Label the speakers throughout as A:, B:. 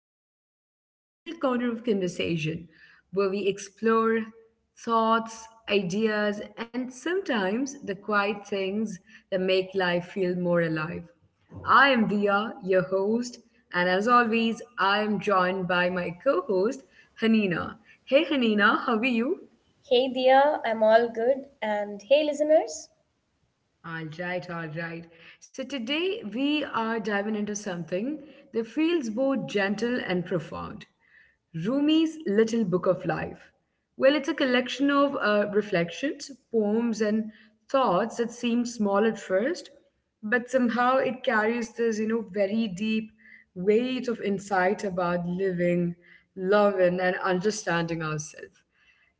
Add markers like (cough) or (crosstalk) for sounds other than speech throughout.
A: of our little corner of conversation where we explore thoughts, ideas, and sometimes the quiet things that make life feel more alive. I am Dia, your host, and as always, I am joined by my co host, Hanina. Hey Hanina, how are you?
B: Hey, Dia, I'm all good. And hey, listeners.
A: All right, all right. So today we are diving into something that feels both gentle and profound. Rumi's Little Book of Life. Well, it's a collection of reflections, poems, and thoughts that seem small at first, but somehow it carries this, you know, very deep weight of insight about living, loving, and understanding ourselves.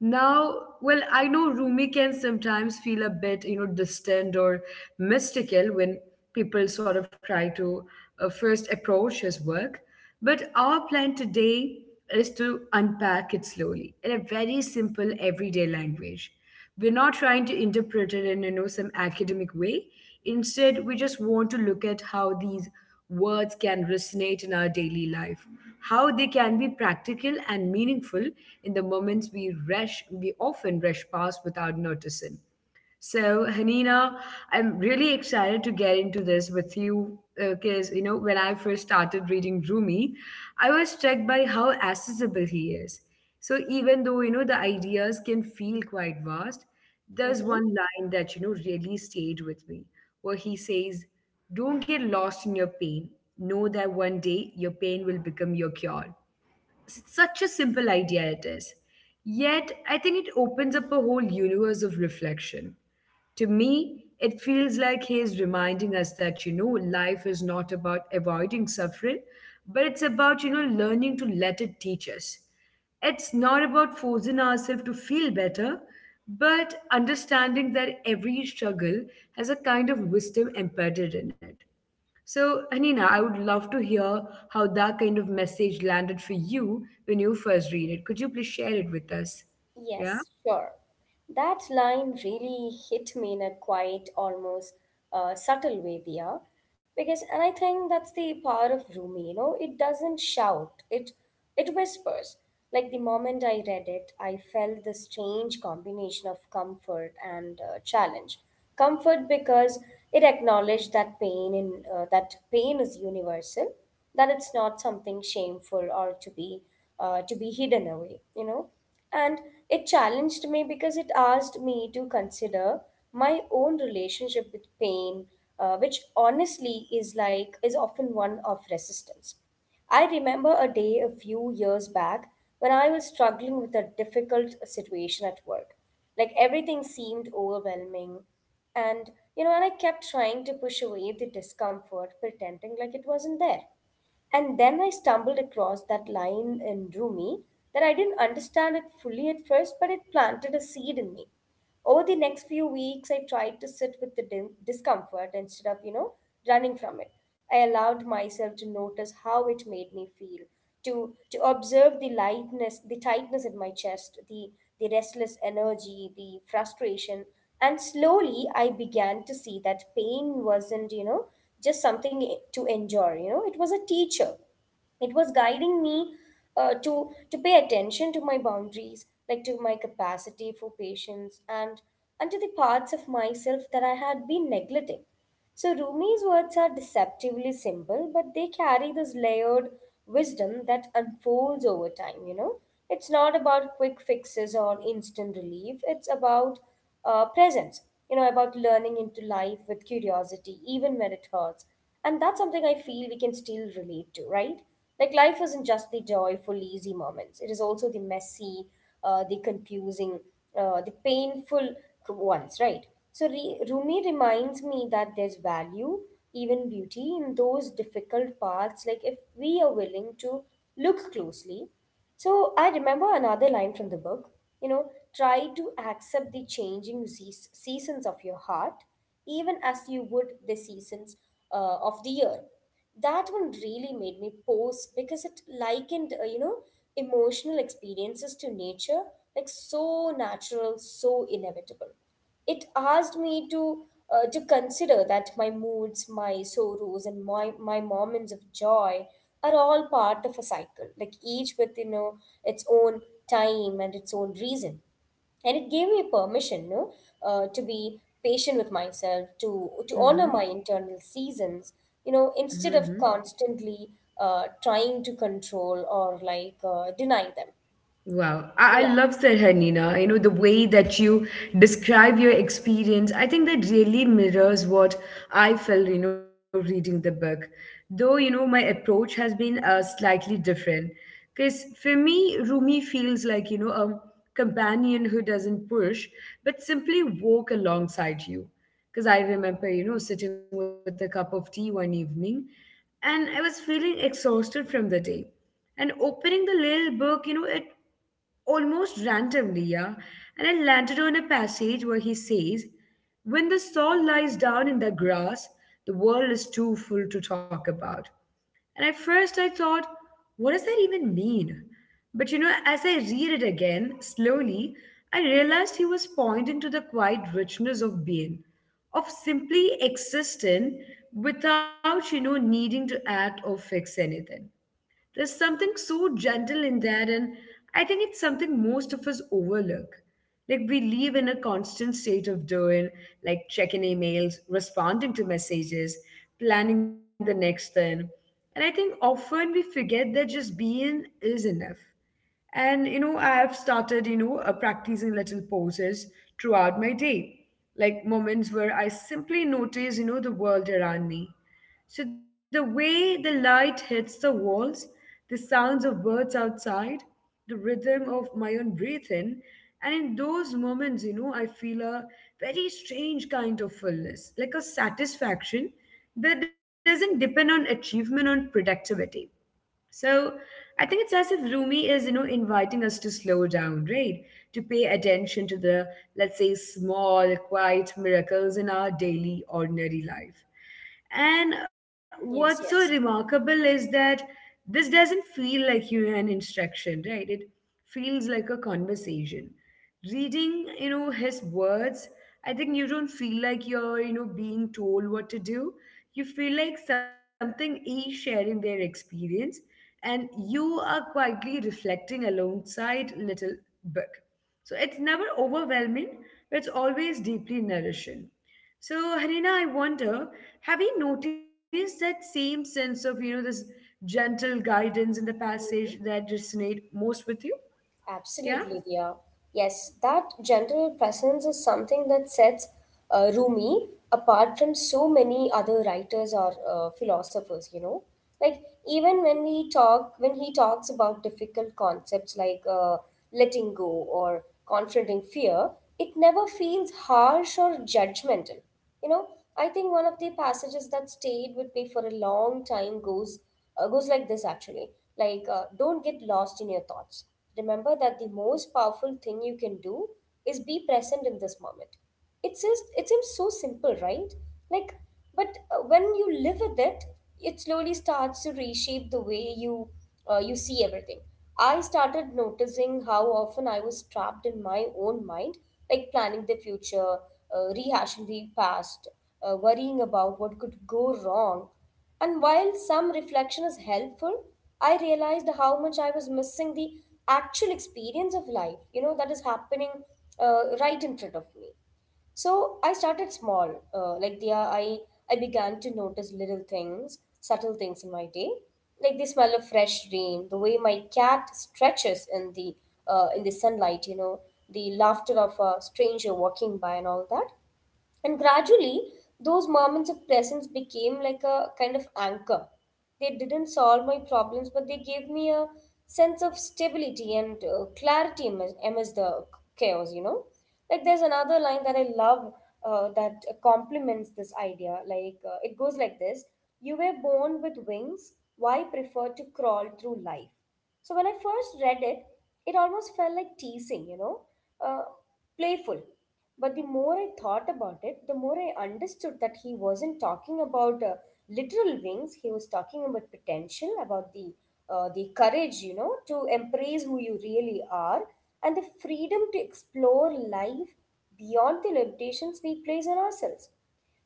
A: Now, well, I know Rumi can sometimes feel a bit, you know, distant or mystical when people sort of try to first approach his work. But our plan today is to unpack it slowly in a very simple, everyday language. We're not trying to interpret it in some academic way. Instead, we just want to look at how these words can resonate in our daily life, how they can be practical and meaningful in the moments we often rush past without noticing. So, Hanina, I'm really excited to get into this with you because, you know, when I first started reading Rumi, I was struck by how accessible he is. So, even though, you know, the ideas can feel quite vast, there's
B: Mhm.
A: one line that, you know, really stayed with me where he says, don't get lost in your pain. Know that one day your pain will become your cure, such a simple idea it is. Yet, I think it opens up a whole universe of reflection. To me, it feels like he is reminding us that, you know, life is not about avoiding suffering, but it's about, you know, learning to let it teach us. It's not about forcing ourselves to feel better, but understanding that every struggle has a kind of wisdom embedded in it. So, Anina, I would love to hear how that kind of message landed for you when you first read it. Could you please share it with us? Yeah?
B: Yes, sure. That line really hit me in a quiet, almost subtle way, Dia. And I think that's the power of Rumi, it doesn't shout, it whispers. Like the moment I read it, I felt this strange combination of comfort and challenge. Comfort because it acknowledged that pain is universal, that it's not something shameful or to be hidden away, and it challenged me because it asked me to consider my own relationship with pain, which honestly is often one of resistance. I remember a day a few years back when I was struggling with a difficult situation at work. Like everything seemed overwhelming. And, and I kept trying to push away the discomfort, pretending like it wasn't there. And then I stumbled across that line in Rumi that I didn't understand it fully at first, but it planted a seed in me. Over the next few weeks, I tried to sit with the discomfort instead of, running from it. I allowed myself to notice how it made me feel, to observe the lightness, the tightness in my chest, the restless energy, the frustration, and slowly I began to see that pain wasn't just something to endure. You know, it was a teacher. It was guiding me, to pay attention to my boundaries, like to my capacity for patience, and to the parts of myself that I had been neglecting. So Rumi's words are deceptively simple, but they carry this layered wisdom that unfolds over time. You know, it's not about quick fixes or instant relief. It's about presence. You know, about learning into life with curiosity, even when it hurts. And that's something I feel we can still relate to, right? Like life isn't just the joyful, easy moments. It is also the messy, the confusing, the painful ones, right? So Rumi reminds me that there's value, even beauty, in those difficult parts. Like if we are willing to look closely. So I remember another line from the book. You know, try to accept the changing seasons of your heart, even as you would the seasons of the year. That one really made me pause because it likened, emotional experiences to nature. Like so natural, so inevitable. It asked me to consider that my moods, my sorrows, and my moments of joy are all part of a cycle, like each with, its own time and its own reason. And it gave me permission, no, to be patient with myself, to honor
A: Mm-hmm.
B: my internal seasons, you know, instead
A: Mm-hmm.
B: of constantly trying to control or deny them.
A: Wow, I,
B: So
A: I
B: yeah.
A: love that, Hanina. You know, the way that you describe your experience, I think that really mirrors what I felt, you know, reading the book. Though, you know, my approach has been slightly different. Because for me, Rumi feels like, you know, a companion who doesn't push, but simply walk alongside you. Because I remember, you know, sitting with a cup of tea one evening and I was feeling exhausted from the day. And opening the little book, you know, it almost randomly, yeah. And I landed on a passage where he says, when the soul lies down in the grass, the world is too full to talk about. And at first I thought, what does that even mean? But you know, as I read it again, slowly, I realized he was pointing to the quiet richness of being, of simply existing without, you know, needing to act or fix anything. There's something so gentle in that, and I think it's something most of us overlook. Like, we live in a constant state of doing, like checking emails, responding to messages, planning the next thing. And I think often we forget that just being is enough. And you know, I have started, you know, practicing little poses throughout my day, like moments where I simply notice, you know, the world around me. So the way the light hits the walls, the sounds of birds outside, the rhythm of my own breathing, and in those moments, you know, I feel a very strange kind of fullness, like a satisfaction that doesn't depend on achievement or productivity. So I think it's as if Rumi is, you know, inviting us to slow down, right? To pay attention to the, let's say, small, quiet miracles in our daily, ordinary life. And what's so
B: Yes, yes.
A: remarkable is that this doesn't feel like you an instruction, right? It feels like a conversation. Reading, you know, his words, I think you don't feel like you're, you know, being told what to do. You feel like something is sharing their experience, and you are quietly reflecting alongside little book. So it's never overwhelming, but it's always deeply nourishing. So, Harina, I wonder, have you noticed that same sense of, you know, this gentle guidance in the passage that resonate most with you? Yeah?
B: Absolutely, dear. Yes, that general presence is something that sets Rumi apart from so many other writers or philosophers, you know. Like, even when he talks about difficult concepts like, letting go or confronting fear, it never feels harsh or judgmental. You know, I think one of the passages that stayed with me for a long time goes like this actually. Like, don't get lost in your thoughts. Remember that the most powerful thing you can do is be present in this moment. It seems so simple, right? Like, but when you live with it, it slowly starts to reshape the way you see everything. I started noticing how often I was trapped in my own mind, like planning the future, rehashing the past, worrying about what could go wrong. And while some reflection is helpful, I realized how much I was missing the actual experience of life, you know, that is happening right in front of me. So I started small, like the I began to notice little things, subtle things in my day, like the smell of fresh rain, the way my cat stretches in the sunlight, you know, the laughter of a stranger walking by, and all that. And gradually, those moments of presence became like a kind of anchor. They didn't solve my problems, but they gave me a sense of stability and clarity amidst the chaos, you know. Like there's another line that I love that complements this idea. Like it goes like this: you were born with wings, why prefer to crawl through life? So when I first read it, it almost felt like teasing, you know, uh, playful. But the more I thought about it, the more I understood that he wasn't talking about literal wings. He was talking about potential, about the courage, you know, to embrace who you really are, and the freedom to explore life beyond the limitations we place on ourselves.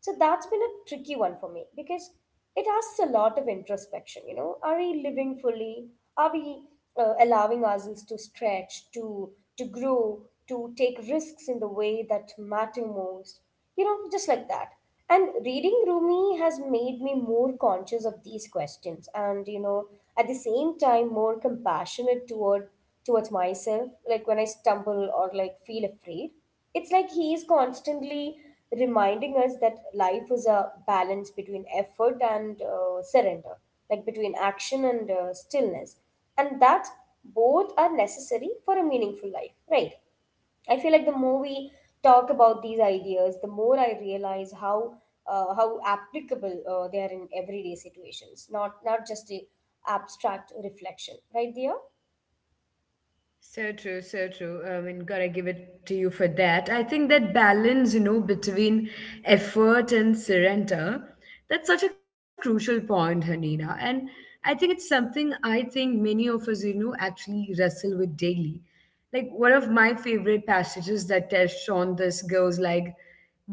B: So that's been a tricky one for me because it asks a lot of introspection. You know, are we living fully? Are we allowing ourselves to stretch, to grow, to take risks in the way that matter most. You know, just like that. And reading Rumi has made me more conscious of these questions and, you know, at the same time more compassionate towards myself. Like when I stumble or like feel afraid. It's like he is constantly reminding us that life is a balance between effort and surrender, like between action and stillness. And that both are necessary for a meaningful life, right? I feel like the more we talk about these ideas, the more I realize how applicable they are in everyday situations, not just the abstract reflection, right there.
A: So true, so true. I mean, gotta give it to you for that. I think that balance, you know, between effort and surrender, that's such a crucial point, Hanina. And I think it's something I think many of us, you know, actually wrestle with daily. Like one of my favorite passages that touched on this goes like,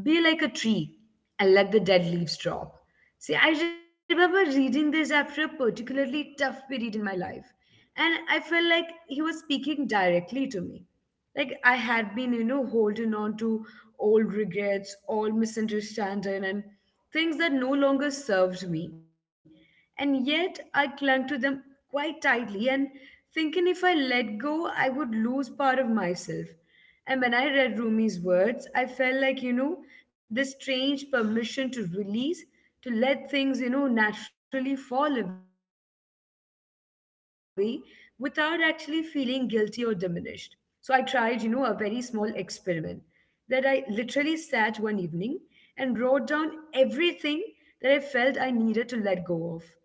A: be like a tree and let the dead leaves drop. See, I remember reading this after a particularly tough period in my life. And I felt like he was speaking directly to me. Like I had been, you know, holding on to old regrets, old misunderstanding, and things that no longer served me. And yet I clung to them quite tightly and thinking if I let go, I would lose part of myself. And when I read Rumi's words, I felt like, you know, this strange permission to release, to let things, you know, naturally fall away without actually feeling guilty or diminished. So I tried, you know, a very small experiment that I literally sat one evening and wrote down everything that I felt I needed to let go of: anger,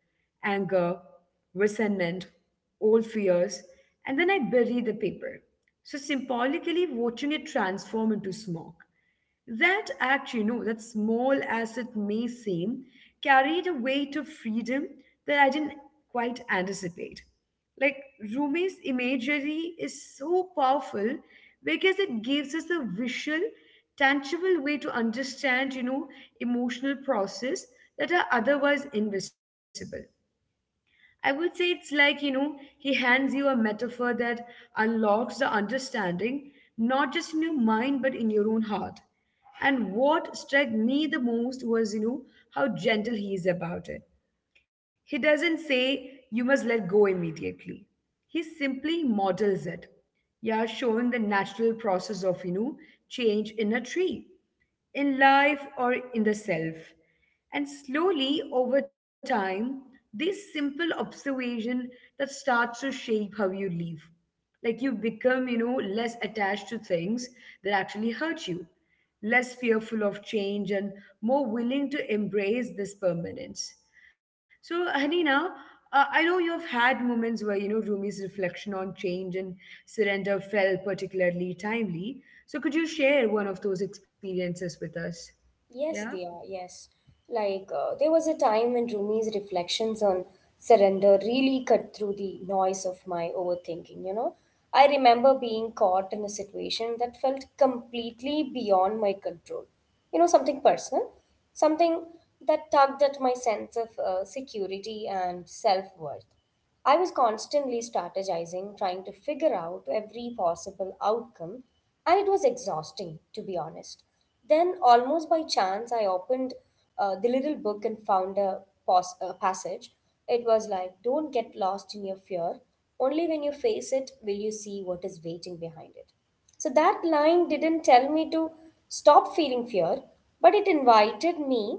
A: resentment, old fears, and then I buried the paper. So symbolically watching it transform into smoke. That act, you know, that small as it may seem, carried a weight of freedom that I didn't quite anticipate. Like Rumi's imagery is so powerful because it gives us a visual, tangible way to understand, you know, emotional process that are otherwise invisible. I would say it's like, you know, he hands you a metaphor that unlocks the understanding, not just in your mind, but in your own heart. And what struck me the most was, you know, how gentle he is about it. He doesn't say, you must let go immediately. He simply models it. Yeah, showing the natural process of, you know, change in a tree in life or in the self. And slowly over time, this simple observation that starts to shape how you live, like you become, you know, less attached to things that actually hurt you, less fearful of change, and more willing to embrace this permanence. So Hanina, I know you've had moments where, you know, Rumi's reflection on change and surrender felt particularly timely, so could you share one of those experiences with us? Yeah?
B: Yes, Diya, yes. Like, there was a time when Rumi's reflections on surrender really cut through the noise of my overthinking, you know. I remember being caught in a situation that felt completely beyond my control. You know, something personal, something that tugged at my sense of security and self worth. I was constantly strategizing, trying to figure out every possible outcome, and it was exhausting, to be honest. Then, almost by chance, I opened the little book and found a passage. It was like, don't get lost in your fear. Only when you face it will you see what is waiting behind it. So, that line didn't tell me to stop feeling fear, but it invited me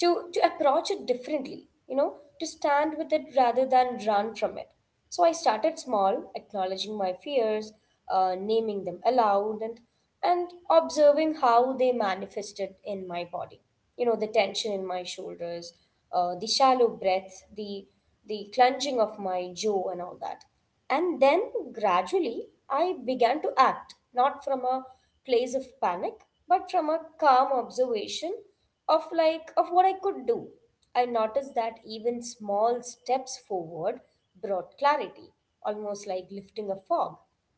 B: to approach it differently, you know, to stand with it rather than run from it. So I started small, acknowledging my fears, naming them aloud, and observing how they manifested in my body. You know, the tension in my shoulders, the shallow breath, the clenching of my jaw, and all that. And then gradually, I began to act not from a place of panic, but from a calm observation of what I could do. I noticed that even small steps forward brought clarity, almost like lifting a fog.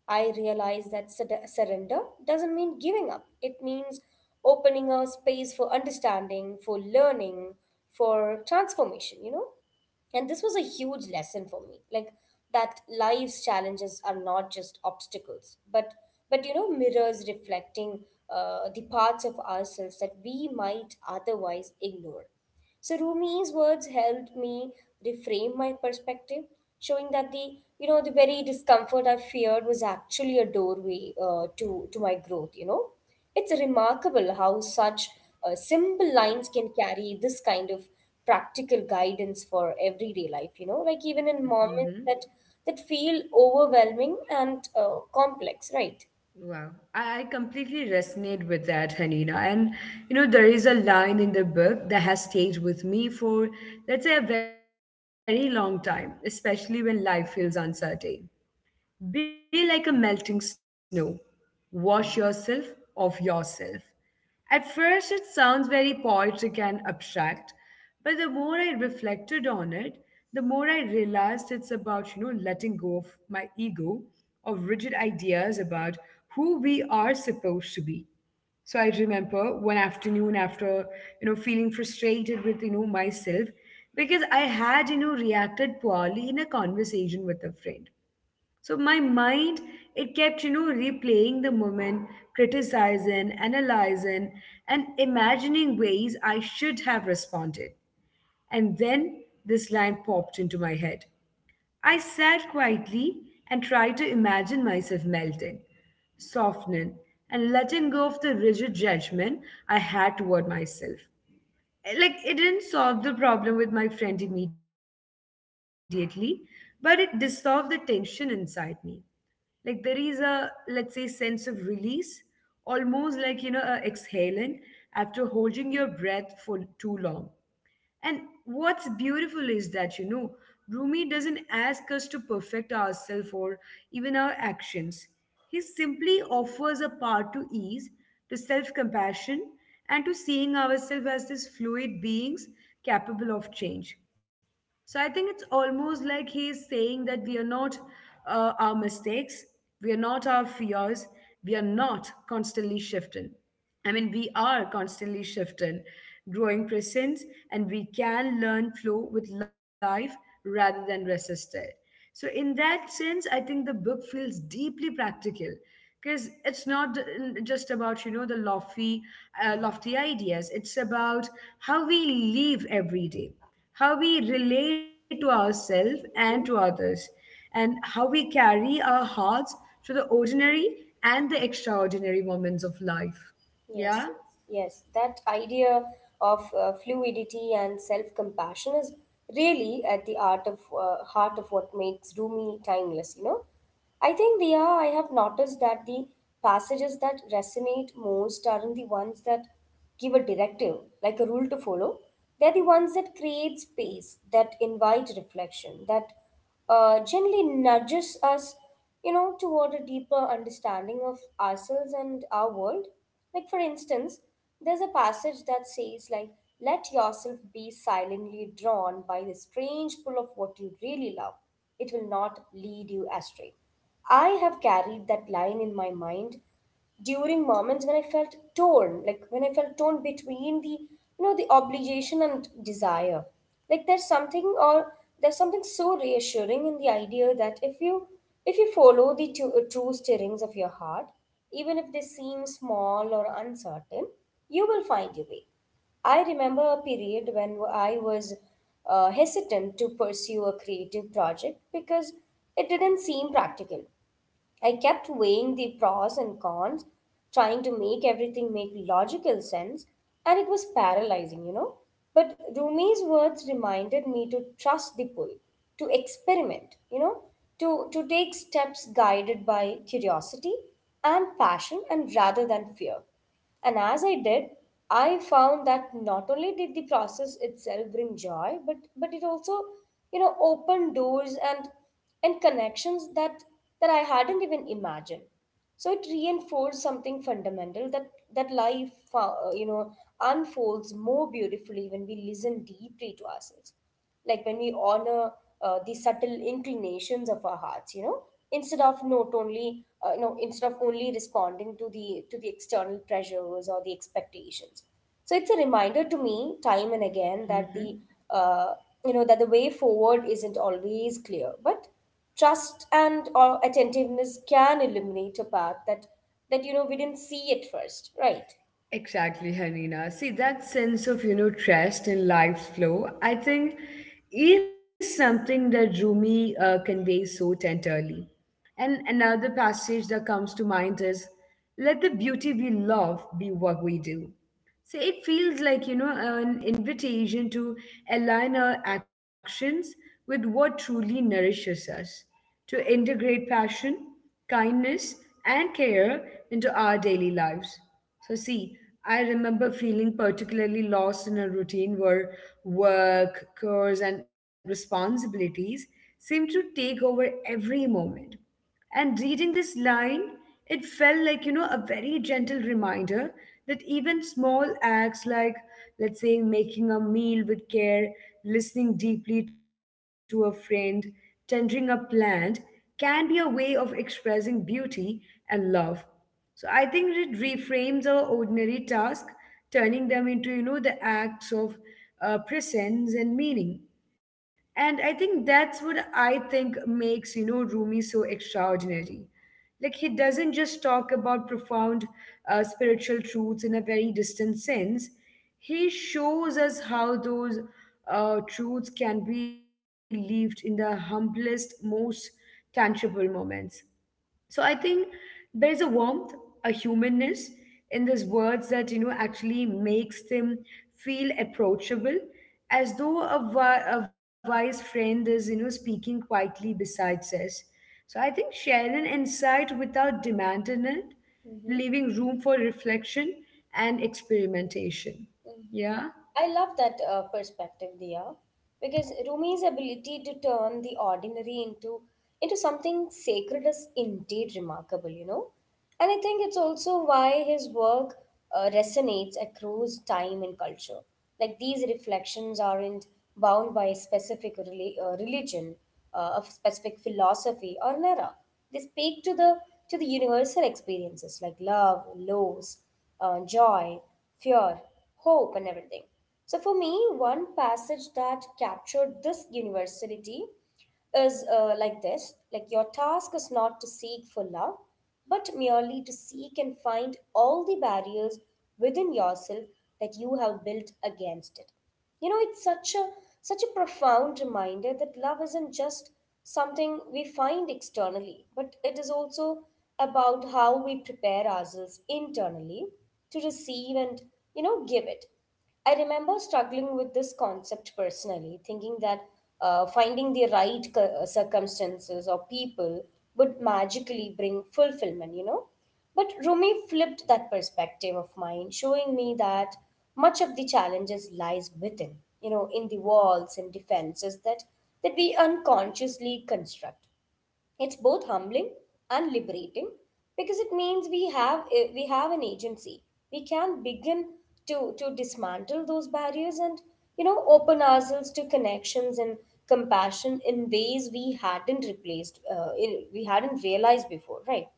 B: I realize that surrender doesn't mean giving up. It means opening a space for understanding, for learning, for transformation, you know? And this was a huge lesson for me. Like that life's challenges are not just obstacles, but you know, mirrors reflecting the parts of ourselves that we might otherwise ignore. So Rumi's words helped me reframe my perspective, showing that the you know the very discomfort I feared was actually a doorway, to my growth. You know, it's remarkable how such simple lines can carry this kind of practical guidance for everyday life. You know, like even in moments that feel overwhelming and complex, right?
A: Wow, I completely resonate with that, Hanina. And you know, there is a line in the book that has stayed with me for, let's say, a very long time, especially when life feels uncertain. Be like a melting snow. Wash yourself of yourself. At first, it sounds very poetic and abstract, but the more I reflected on it, the more I realized it's about, you know, letting go of my ego, of rigid ideas about who we are supposed to be. So I remember one afternoon after, you know, feeling frustrated with, you know, myself because I had, you know, reacted poorly in a conversation with a friend. So my mind, it kept, you know, replaying the moment, criticizing, analyzing, and imagining ways I should have responded. And then this line popped into my head. I sat quietly and tried to imagine myself melting, softening, and letting go of the rigid judgment I had toward myself. Like, it didn't solve the problem with my friend immediately, but it dissolved the tension inside me. Like there is a, let's say, sense of release, almost like, you know, a exhaling after holding your breath for too long. And what's beautiful is that, you know, Rumi doesn't ask us to perfect ourselves or even our actions. He simply offers a path to ease, to self-compassion, and to seeing ourselves as these fluid beings capable of change. So I think it's almost like he is saying that we are not our mistakes, we are not our fears, we are not constantly shifting. I mean, we are constantly shifting, growing presence, and we can learn flow with life rather than resist it. So, in that sense, I think the book feels deeply practical because it's not just about, you know, the lofty, lofty ideas. It's about how we live every day, how we relate to ourselves and to
B: Mm-hmm.
A: others, and how we carry our hearts through the ordinary and the extraordinary moments of life.
B: Yes,
A: Yeah?
B: yes, yes. That idea of fluidity and self-compassion is really at the art of heart of what makes Rumi timeless, you know. I think, Dia, I have noticed that the passages that resonate most aren't the ones that give a directive, like a rule to follow. They're the ones that create space, that invite reflection, that generally nudges us, you know, toward a deeper understanding of ourselves and our world. Like, for instance, there's a passage that says, like, let yourself be silently drawn by the strange pull of what you really love. It will not lead you astray. I have carried that line in my mind during moments when I felt torn, like when I felt torn between the obligation and desire. Like there's something or there's something so reassuring in the idea that if you follow the true stirrings of your heart, even if they seem small or uncertain, you will find your way. I remember a period when I was hesitant to pursue a creative project because it didn't seem practical. I kept weighing the pros and cons, trying to make everything make logical sense, and it was paralyzing. But Rumi's words reminded me to trust the pull, to experiment, to take steps guided by curiosity and passion and rather than fear. And as I did, I found that not only did the process itself bring joy, but it also, opened doors and connections that I hadn't even imagined. So it reinforced something fundamental that life, unfolds more beautifully when we listen deeply to ourselves, like when we honor the subtle inclinations of our hearts, instead of not only you know instead of only responding to the external pressures or the expectations. So it's a reminder to me time and again
A: Hmm.
B: uh, that the way forward isn't always clear, but trust and attentiveness can illuminate a path that we didn't see at first, right?
A: Exactly, Hanina. See, that sense of, you know, trust in life's flow, I think, is something that Rumi conveys so tenderly. And another passage that comes to mind is, let the beauty we love be what we do. So it feels like, an invitation to align our actions with what truly nourishes us, to integrate passion, kindness, and care into our daily lives. So, see, I remember feeling particularly lost in a routine where work, chores, and responsibilities seemed to take over every moment. And reading this line, it felt like, a very gentle reminder that even small acts like, let's say, making a meal with care, listening deeply to a friend, tendering a plant, can be a way of expressing beauty and love. So I think it reframes our ordinary task, turning them into, the acts of presence and meaning. And I think that's what I think makes, Rumi so extraordinary. Like he doesn't just talk about profound spiritual truths in a very distant sense. He shows us how those truths can be lived in the humblest, most tangible moments. So I think there's a warmth, a humanness in these words that you know actually makes them feel approachable, as though a wise friend is you know speaking quietly beside us. So I think sharing insight without demanding it, leaving room for reflection and experimentation.
B: Mhm.
A: Yeah.
B: I love that perspective, Dia, because Rumi's ability to turn the ordinary into something sacred is indeed remarkable, you know. And I think it's also why his work resonates across time and culture. Like these reflections aren't bound by a specific religion, a specific philosophy or an era. They speak to the universal experiences like love, loss, joy, fear, hope and everything. So for me, one passage that captured this universality is like this like your task is not to seek for love but merely to seek and find all the barriers within yourself that you have built against it. You know, it's such a such a profound reminder that love isn't just something we find externally, but it is also about how we prepare ourselves internally to receive and, you know, give it. I remember struggling with this concept personally, thinking that finding the right circumstances or people would magically bring fulfillment, you know. But Rumi flipped that perspective of mine, showing me that much of the challenges lies within, you know, in the walls and defenses that we unconsciously construct. It's both humbling and liberating because it means we have an agency. We can begin to dismantle those barriers and, you know, open ourselves to connections and compassion in ways we hadn't we hadn't realized before, right?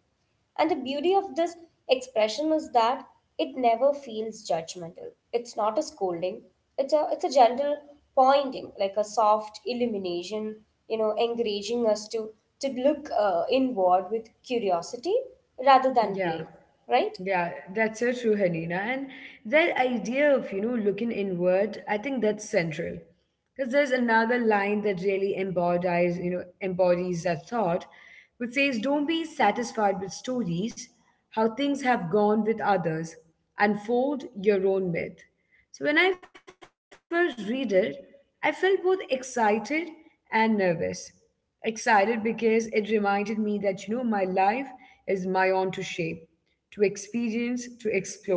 B: And the beauty of this expression is that it never feels judgmental. It's not a scolding. It's a gentle pointing, like a soft illumination, you know, encouraging us to look inward with curiosity rather than
A: Yeah,
B: blame, right?
A: yeah, that's so true, Hanina. And that idea of, looking inward, I think that's central. Because there's another line that really embodies, embodies that thought, which says, don't be satisfied with stories, how things have gone with others. Unfold your own myth. So when I first read it, I felt both excited and nervous, excited because it reminded me that you know my life is my own to shape, to experience, to explore,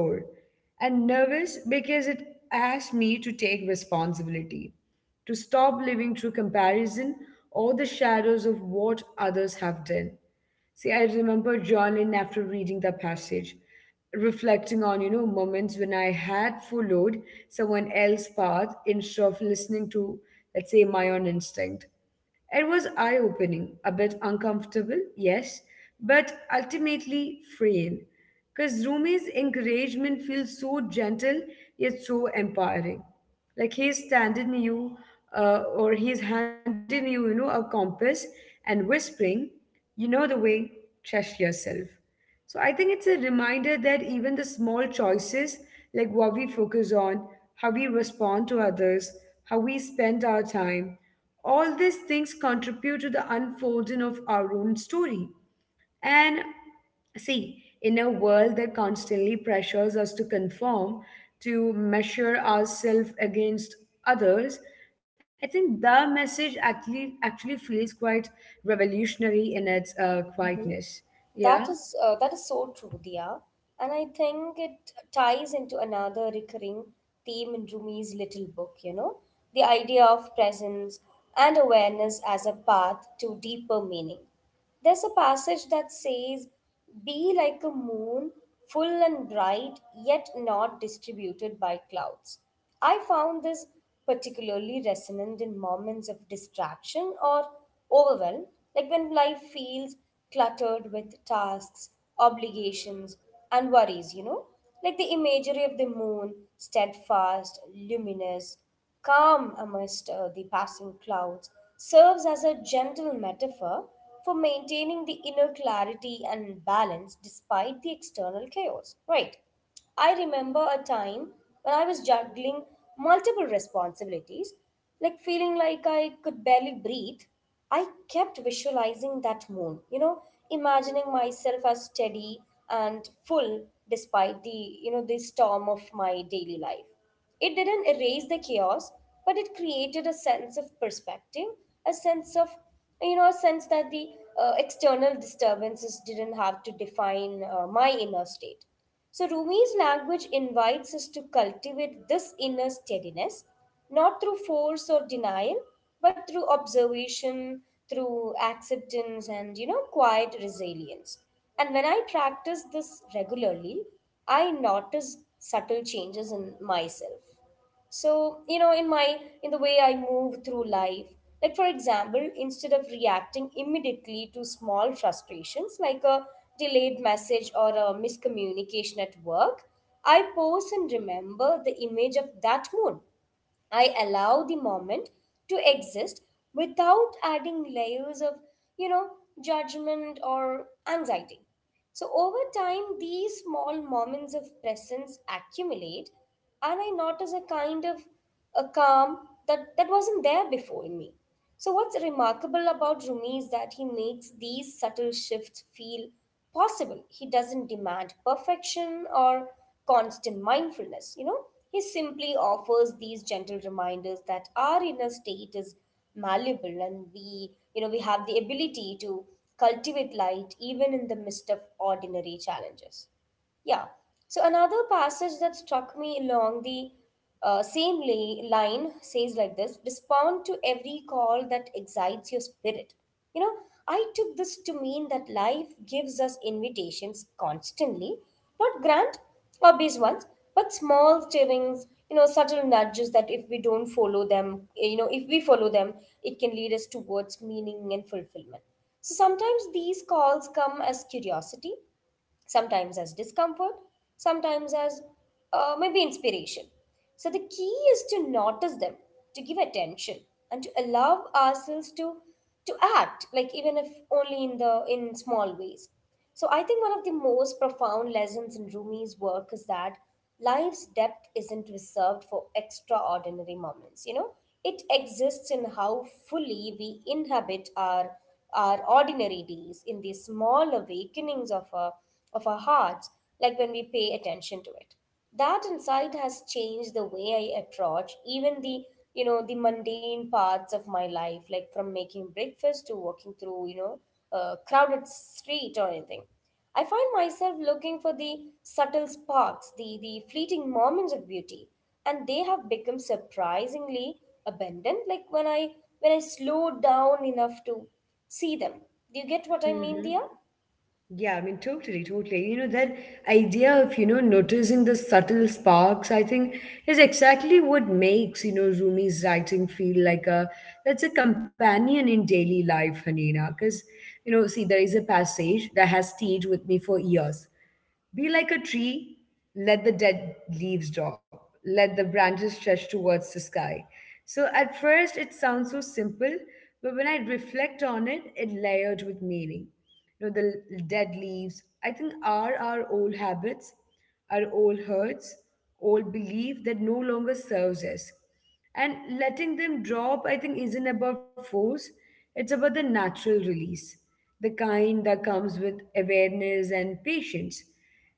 A: and nervous because it asked me to take responsibility, to stop living through comparison or the shadows of what others have done. See, I remember journaling after reading the passage, reflecting on you know moments when I had followed someone else's path instead of listening to, let's say, my own instinct. It was eye opening, a bit uncomfortable, yes, but ultimately freeing. Because Rumi's encouragement feels so gentle yet so empowering. Like he's standing you, or he's handing you, a compass and whispering, you know the way, trust yourself. So I think it's a reminder that even the small choices, like what we focus on, how we respond to others, how we spend our time, all these things contribute to the unfolding of our own story. And see, in a world that constantly pressures us to conform, to measure ourselves against others, I think the message actually feels quite revolutionary in its quietness.
B: That
A: Yeah.
B: is so true, Dia. And I think it ties into another recurring theme in Rumi's little book, you know, the idea of presence and awareness as a path to deeper meaning. There's a passage that says, be like a moon, full and bright, yet not distributed by clouds. I found this particularly resonant in moments of distraction or overwhelm, like when life feels cluttered with tasks, obligations, and worries, you know? Like the imagery of the moon, steadfast, luminous, calm amidst the passing clouds, serves as a gentle metaphor for maintaining the inner clarity and balance despite the external chaos, right? I remember a time when I was juggling multiple responsibilities, like feeling like I could barely breathe. I kept visualizing that moon, you know, imagining myself as steady and full despite the, you know, the storm of my daily life. It didn't erase the chaos, but it created a sense of perspective, a sense of, you know, a sense that the external disturbances didn't have to define my inner state. So Rumi's language invites us to cultivate this inner steadiness, not through force or denial, but through observation, through acceptance, and, you know, quiet resilience. And when I practice this regularly, I notice subtle changes in myself. So, you know, in the way I move through life, like for example, instead of reacting immediately to small frustrations like a delayed message or a miscommunication at work, I pause and remember the image of that mood. I allow the moment to exist without adding layers of, you know, judgment or anxiety. So over time, these small moments of presence accumulate, and I notice a kind of a calm that wasn't there before in me. So, what's remarkable about Rumi is that he makes these subtle shifts feel possible. He doesn't demand perfection or constant mindfulness, you know. He simply offers these gentle reminders that our inner state is malleable, and we, you know, we have the ability to cultivate light even in the midst of ordinary challenges. Yeah. So another passage that struck me along the same lay line says like this: respond to every call that excites your spirit. You know, I took this to mean that life gives us invitations constantly, not grand, obvious ones, but small stirrings, you know, subtle nudges that if we follow them, it can lead us towards meaning and fulfillment. So sometimes these calls come as curiosity, sometimes as discomfort, sometimes as maybe inspiration. So the key is to notice them, to give attention, and to allow ourselves to act, like even if only in small ways. So I think one of the most profound lessons in Rumi's work is that life's depth isn't reserved for extraordinary moments. You know, it exists in how fully we inhabit our ordinary days, in the small awakenings of a of our hearts, like when we pay attention to it. That insight has changed the way I approach even the you know the mundane parts of my life, like from making breakfast to walking through, you know, a crowded street or anything. I find myself looking for the subtle sparks, the fleeting moments of beauty, and they have become surprisingly abundant. Like when I slow down enough to see them. Do you get what I mean,
A: Mm-hmm.
B: dear?
A: Yeah, I mean, totally. You know, that idea of, noticing the subtle sparks, I think, is exactly what makes, Rumi's writing feel like a, that's a companion in daily life, Hanina. Because, you know, see, there is a passage that has stayed with me for years. Be like a tree, let the dead leaves drop, let the branches stretch towards the sky. So at first it sounds so simple, but when I reflect on it, it layered with meaning. You know, the dead leaves, I think, are our old habits, our old hurts, old belief that no longer serves us. And letting them drop, I think, isn't about force, it's about the natural release, the kind that comes with awareness and patience.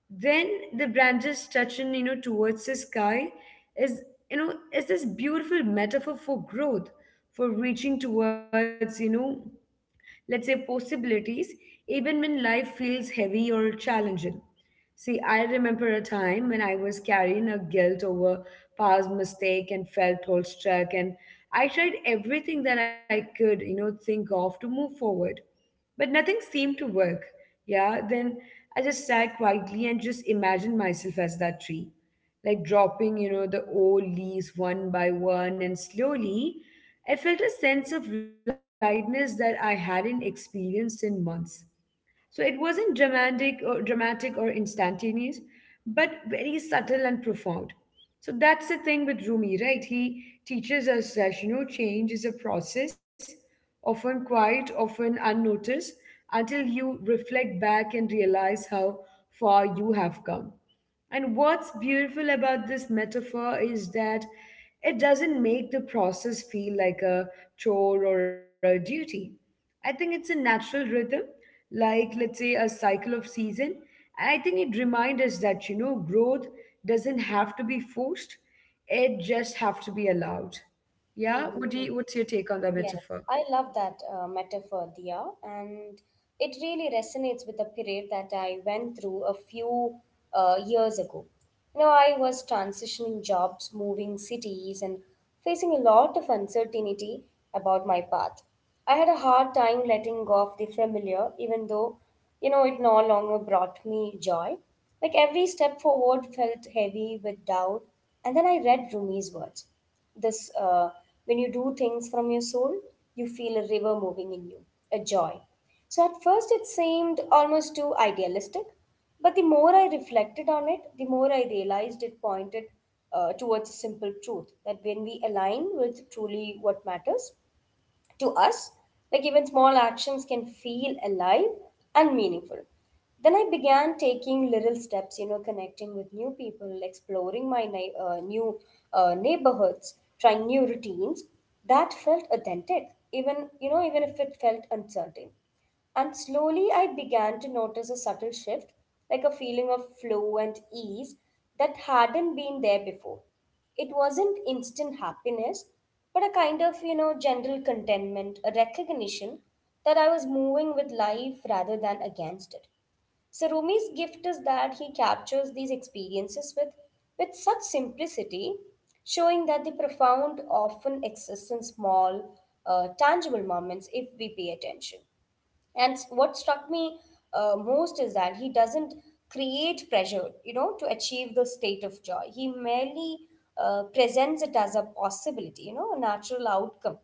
A: Then the branches touching, towards the sky is, is this beautiful metaphor for growth, for reaching towards, you know, let's say, possibilities, even when life feels heavy or challenging. See, I remember a time when I was carrying a guilt over past mistake and felt all stuck, and I tried everything that I could, think of to move forward, but nothing seemed to work. Yeah, then I just sat quietly and just imagined myself as that tree, like dropping, the old leaves one by one, and slowly I felt a sense of lightness that I hadn't experienced in months. So it wasn't dramatic or instantaneous, but very subtle and profound. So that's the thing with Rumi, right? He teaches us that you know change is a process, often quiet, often unnoticed, until you reflect back and realize how far you have come. And what's beautiful about this metaphor is that it doesn't make the process feel like a chore or a duty. I think it's a natural rhythm, like, let's say, a cycle of season. And I think it reminds us that, growth doesn't have to be forced. It just have to be allowed. Yeah? What do
B: Mm-hmm.
A: you, what's your take on the
B: Yes,
A: metaphor?
B: I love that metaphor, Dia, and it really resonates with a period that I went through a few years ago. You know, I was transitioning jobs, moving cities, and facing a lot of uncertainty about my path. I had a hard time letting go of the familiar, even though, you know, it no longer brought me joy. Like every step forward felt heavy with doubt, and then I read Rumi's words this when you do things from your soul, you feel a river moving in you, a joy. So at first it seemed almost too idealistic, but the more I reflected on it, the more I realized it pointed towards a simple truth that when we align with truly what matters to us, like even small actions can feel alive and meaningful. Then I began taking little steps, you know, connecting with new people, exploring my new neighborhoods, trying new routines that felt authentic, even, you know, even if it felt uncertain. And slowly I began to notice a subtle shift, like a feeling of flow and ease that hadn't been there before. It wasn't instant happiness, but a kind of, you know, general contentment, a recognition that I was moving with life rather than against it. So Rumi's gift is that he captures these experiences with such simplicity, showing that the profound often exists in small, tangible moments if we pay attention. And what struck me most is that he doesn't create pressure, you know, to achieve the state of joy. He merely presents it as a possibility, you know, a natural outcome,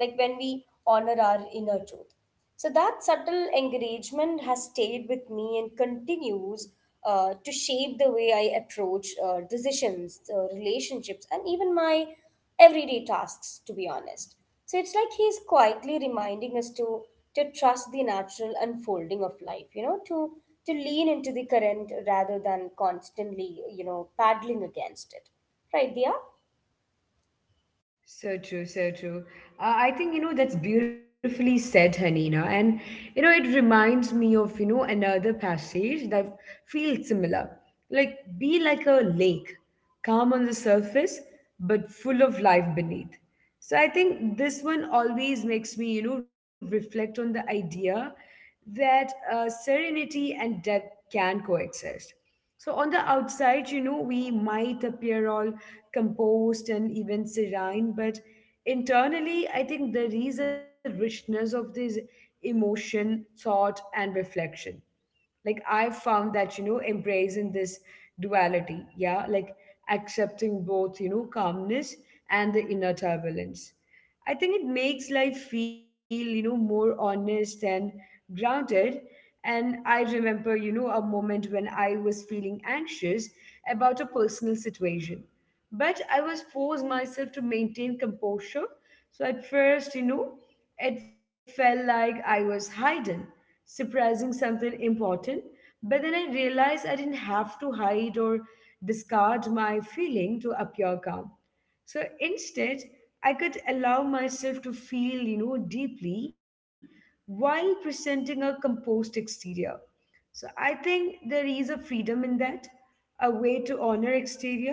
B: like when we honor our inner truth. So that subtle engagement has stayed with me and continues to shape the way I approach decisions, relationships, and even my everyday tasks, to be honest. So it's like he's quietly reminding us to trust the natural unfolding of life, you know, to lean into the current rather than constantly, you know, paddling against it. Right, Dia?
A: So true. I think, that's beautifully said, Hanina. And, it reminds me of, another passage that feels similar. Like, be like a lake, calm on the surface, but full of life beneath. So I think this one always makes me, reflect on the idea that serenity and depth can coexist. So on the outside, we might appear all composed and even serene, but internally, I think there is a richness of this emotion, thought, and reflection. Like I found that you know embracing this duality, yeah, like accepting both you know calmness and the inner turbulence, I think it makes life feel you know more honest and grounded. And I remember you know a moment when I was feeling anxious about a personal situation, but I was forced myself to maintain composure. So at first, it felt like I was hiding, suppressing something important. But then I realized I didn't have to hide or discard my feeling to appear calm. So instead, I could allow myself to feel, deeply while presenting a composed exterior. So I think there is a freedom in that, a way to honor exterior.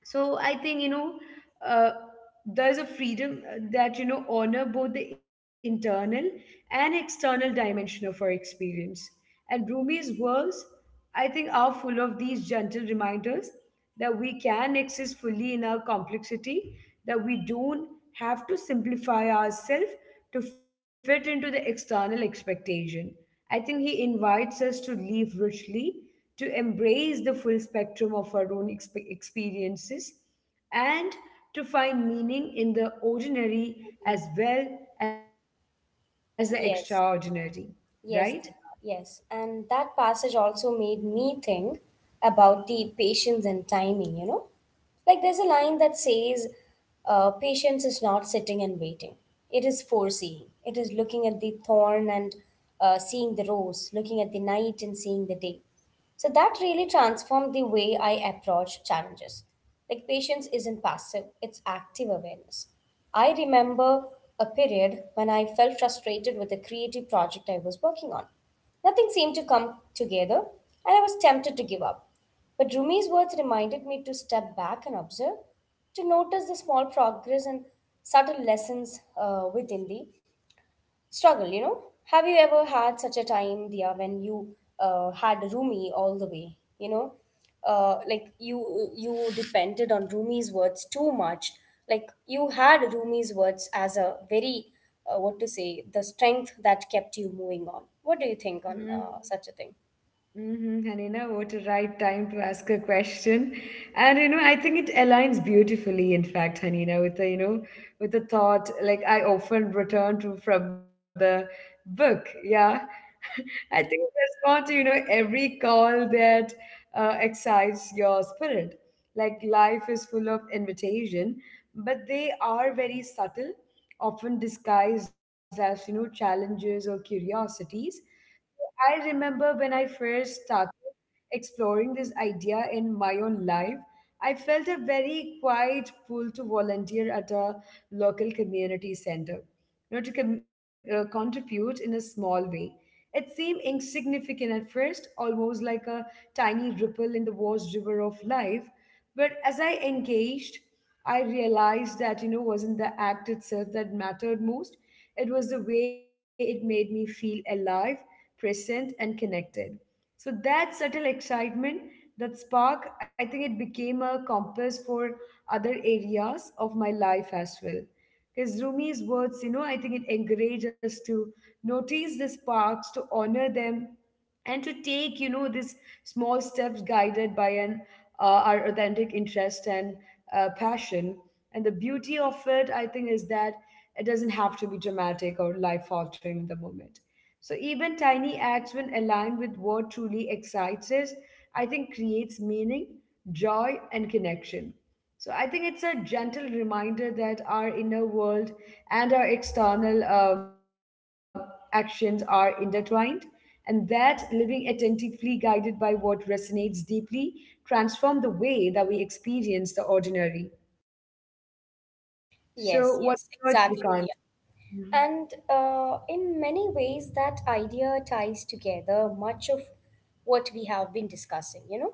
A: So I think, uh, there's a freedom that you know honor both the internal and external dimension of our experience. And Rumi's words, I think, are full of these gentle reminders that we can exist fully in our complexity, that we don't have to simplify ourselves to fit into the external expectation. I think he invites us to live richly, to embrace the full spectrum of our own experiences, and to find meaning in the ordinary as
B: Mm.
A: well as the extraordinary,
B: Yes,
A: right?
B: yes, Dia, yes. And that passage also made me think about the patience and timing, you know? Like there's a line that says, patience is not sitting and waiting. It is foreseeing. It is looking at the thorn and seeing the rose, looking at the night and seeing the day. So that really transformed the way I approach challenges. Like patience isn't passive, it's active awareness. I remember a period when I felt frustrated with a creative project I was working on. Nothing seemed to come together, and I was tempted to give up. But Rumi's words reminded me to step back and observe, to notice the small progress and subtle lessons within the struggle, you know. Have you ever had such a time, Dia, when you had Rumi all the way, you know? Like you depended on Rumi's words too much. Like you had Rumi's words as a very what to say, the strength that kept you moving on. What do you think
A: Hmm.
B: on such a thing?
A: Mm-hmm. And you know, what a right time to ask a question. And you know, I think it aligns beautifully, in fact, Hanina, with the, with the thought like I often return to from the book. Yeah. (laughs) I think it responds to, every call that excites your spirit. Like life is full of invitation, but they are very subtle, often disguised as, challenges or curiosities. I remember when I first started exploring this idea in my own life, I felt a very quiet pull to volunteer at a local community center, to contribute in a small way. It seemed insignificant at first, almost like a tiny ripple in the vast river of life. But as I engaged, I realized that, wasn't the act itself that mattered most. It was the way it made me feel alive, present, and connected. So that subtle excitement, that spark, I think it became a compass for other areas of my life as well. Because Rumi's words, I think it encourages us to notice the sparks, to honor them, and to take you know these small steps guided by an our authentic interest and passion. And the beauty of it, I think, is that it doesn't have to be dramatic or life altering in the moment. So even tiny acts, when aligned with what truly excites us, I think creates meaning, joy, and connection. So I think it's a gentle reminder that our inner world and our external actions are intertwined, and that living attentively, guided by what resonates deeply, transform the way that we experience the ordinary. So
B: Yes,
A: what's
B: yes,
A: your take
B: exactly,
A: on?
B: Dia. And in many ways, that idea ties together much of what we have been discussing, you know,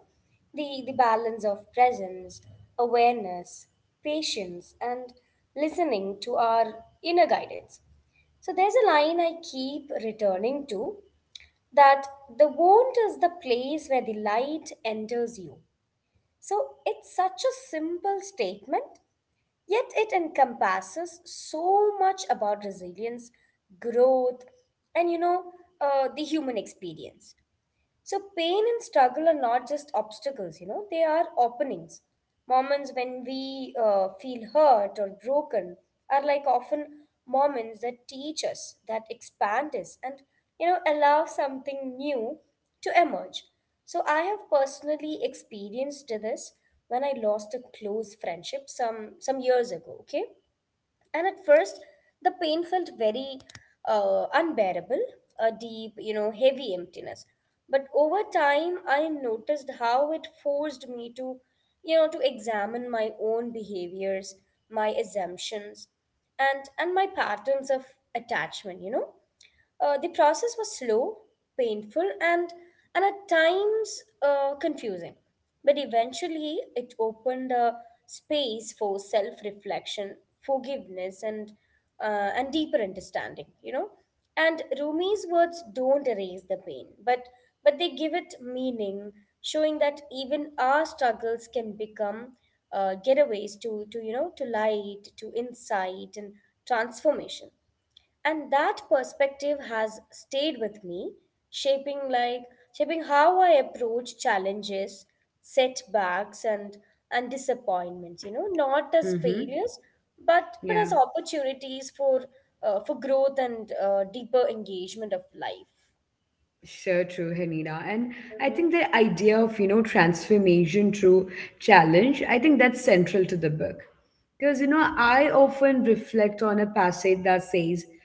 B: the balance of presence, awareness, patience, and listening to our inner guidance. So there's a line I keep returning to that the wound is the place where the light enters you. So it's such a simple statement, yet it encompasses so much about resilience, growth, and you know, the human experience. So pain and struggle are not just obstacles, you know, they are openings. Moments when we feel hurt or broken are like often moments that teach us, that expand us, and, you know, allow something new to emerge. So I have personally experienced this when I lost a close friendship some years ago, okay? And at first, the pain felt very unbearable, a deep, you know, heavy emptiness. But over time, I noticed how it forced me to, you know, to examine my own behaviors, my assumptions, and my patterns of attachment. You know, the process was slow, painful, and at times confusing. But eventually, it opened a space for self reflection, forgiveness, and deeper understanding, you know. And Rumi's words don't erase the pain, but they give it meaning, showing that even our struggles can become getaways to, you know, to light, to insight, and transformation, and that perspective has stayed with me, shaping like shaping how I approach challenges, setbacks, and disappointments, you know, not as
A: Mm-hmm.
B: failures but as
A: Yeah.
B: opportunities for growth and deeper engagement of life.
A: Sure, true, Hanina. And I think the idea of, transformation through challenge, I think that's central to the book. Because, I often reflect on a passage that says,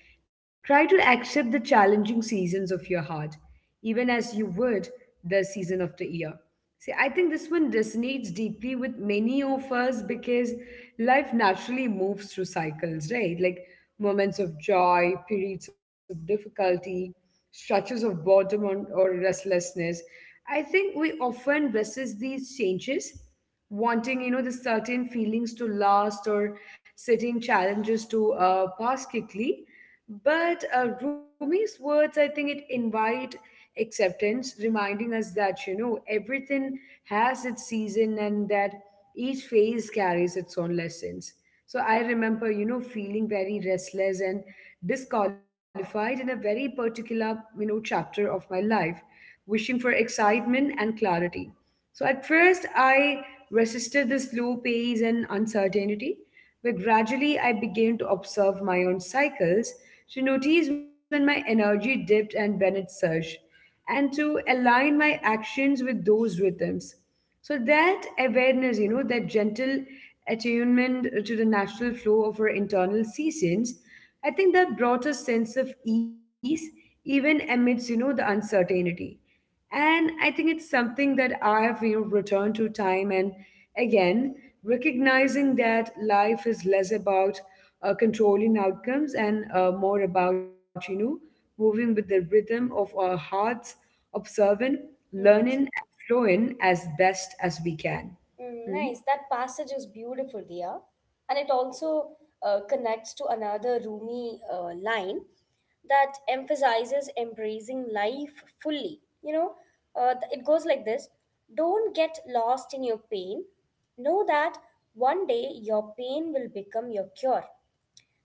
A: try to accept the challenging seasons of your heart, even as you would the season of the year. See, I think this one resonates deeply with many of us because life naturally moves through cycles, right? Like moments of joy, periods of difficulty, stretches of boredom or restlessness. I think we often resist these changes, wanting, the certain feelings to last or certain challenges to pass quickly. But Rumi's words, I think it invite acceptance, reminding us that, you know, everything has its season and that each phase carries its own lessons. So I remember, you know, feeling very restless and disqualified in a very particular, you know, chapter of my life, wishing for excitement and clarity. So at first, I resisted the slow pace and uncertainty, but gradually I began to observe my own cycles to notice when my energy dipped and when it surged, and to align my actions with those rhythms. So that awareness, you know, that gentle attunement to the natural flow of our internal seasons, I think that brought a sense of ease even amidst, you know, the uncertainty. And I think it's something that I have, you know, returned to time and again, recognizing that life is less about controlling outcomes and more about, you know, moving with the rhythm of our hearts, observing, learning,
B: Hmm
A: and flowing as best as we can.
B: Mm,
A: Hmm?
B: nice. That passage is beautiful, Dia. And it also connects to another Rumi line that emphasizes embracing life fully. You know, it goes like this: don't get lost in your pain. Know that one day your pain will become your cure.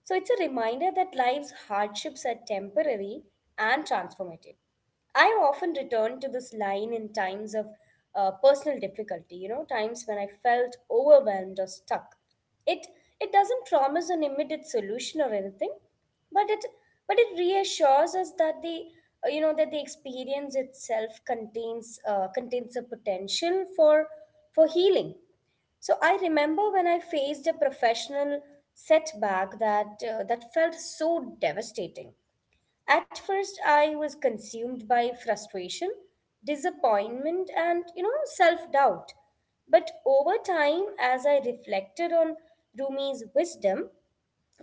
B: So it's a reminder that life's hardships are temporary and transformative. I often return to this line in times of personal difficulty, you know, times when I felt overwhelmed or stuck. It it doesn't promise an immediate solution or anything, but it reassures us that the you know that the experience itself contains a potential for healing. So I remember when I faced a professional setback that that felt so devastating. At first I was consumed by frustration, disappointment, and you know self-doubt. But over time, as I reflected on Rumi's wisdom,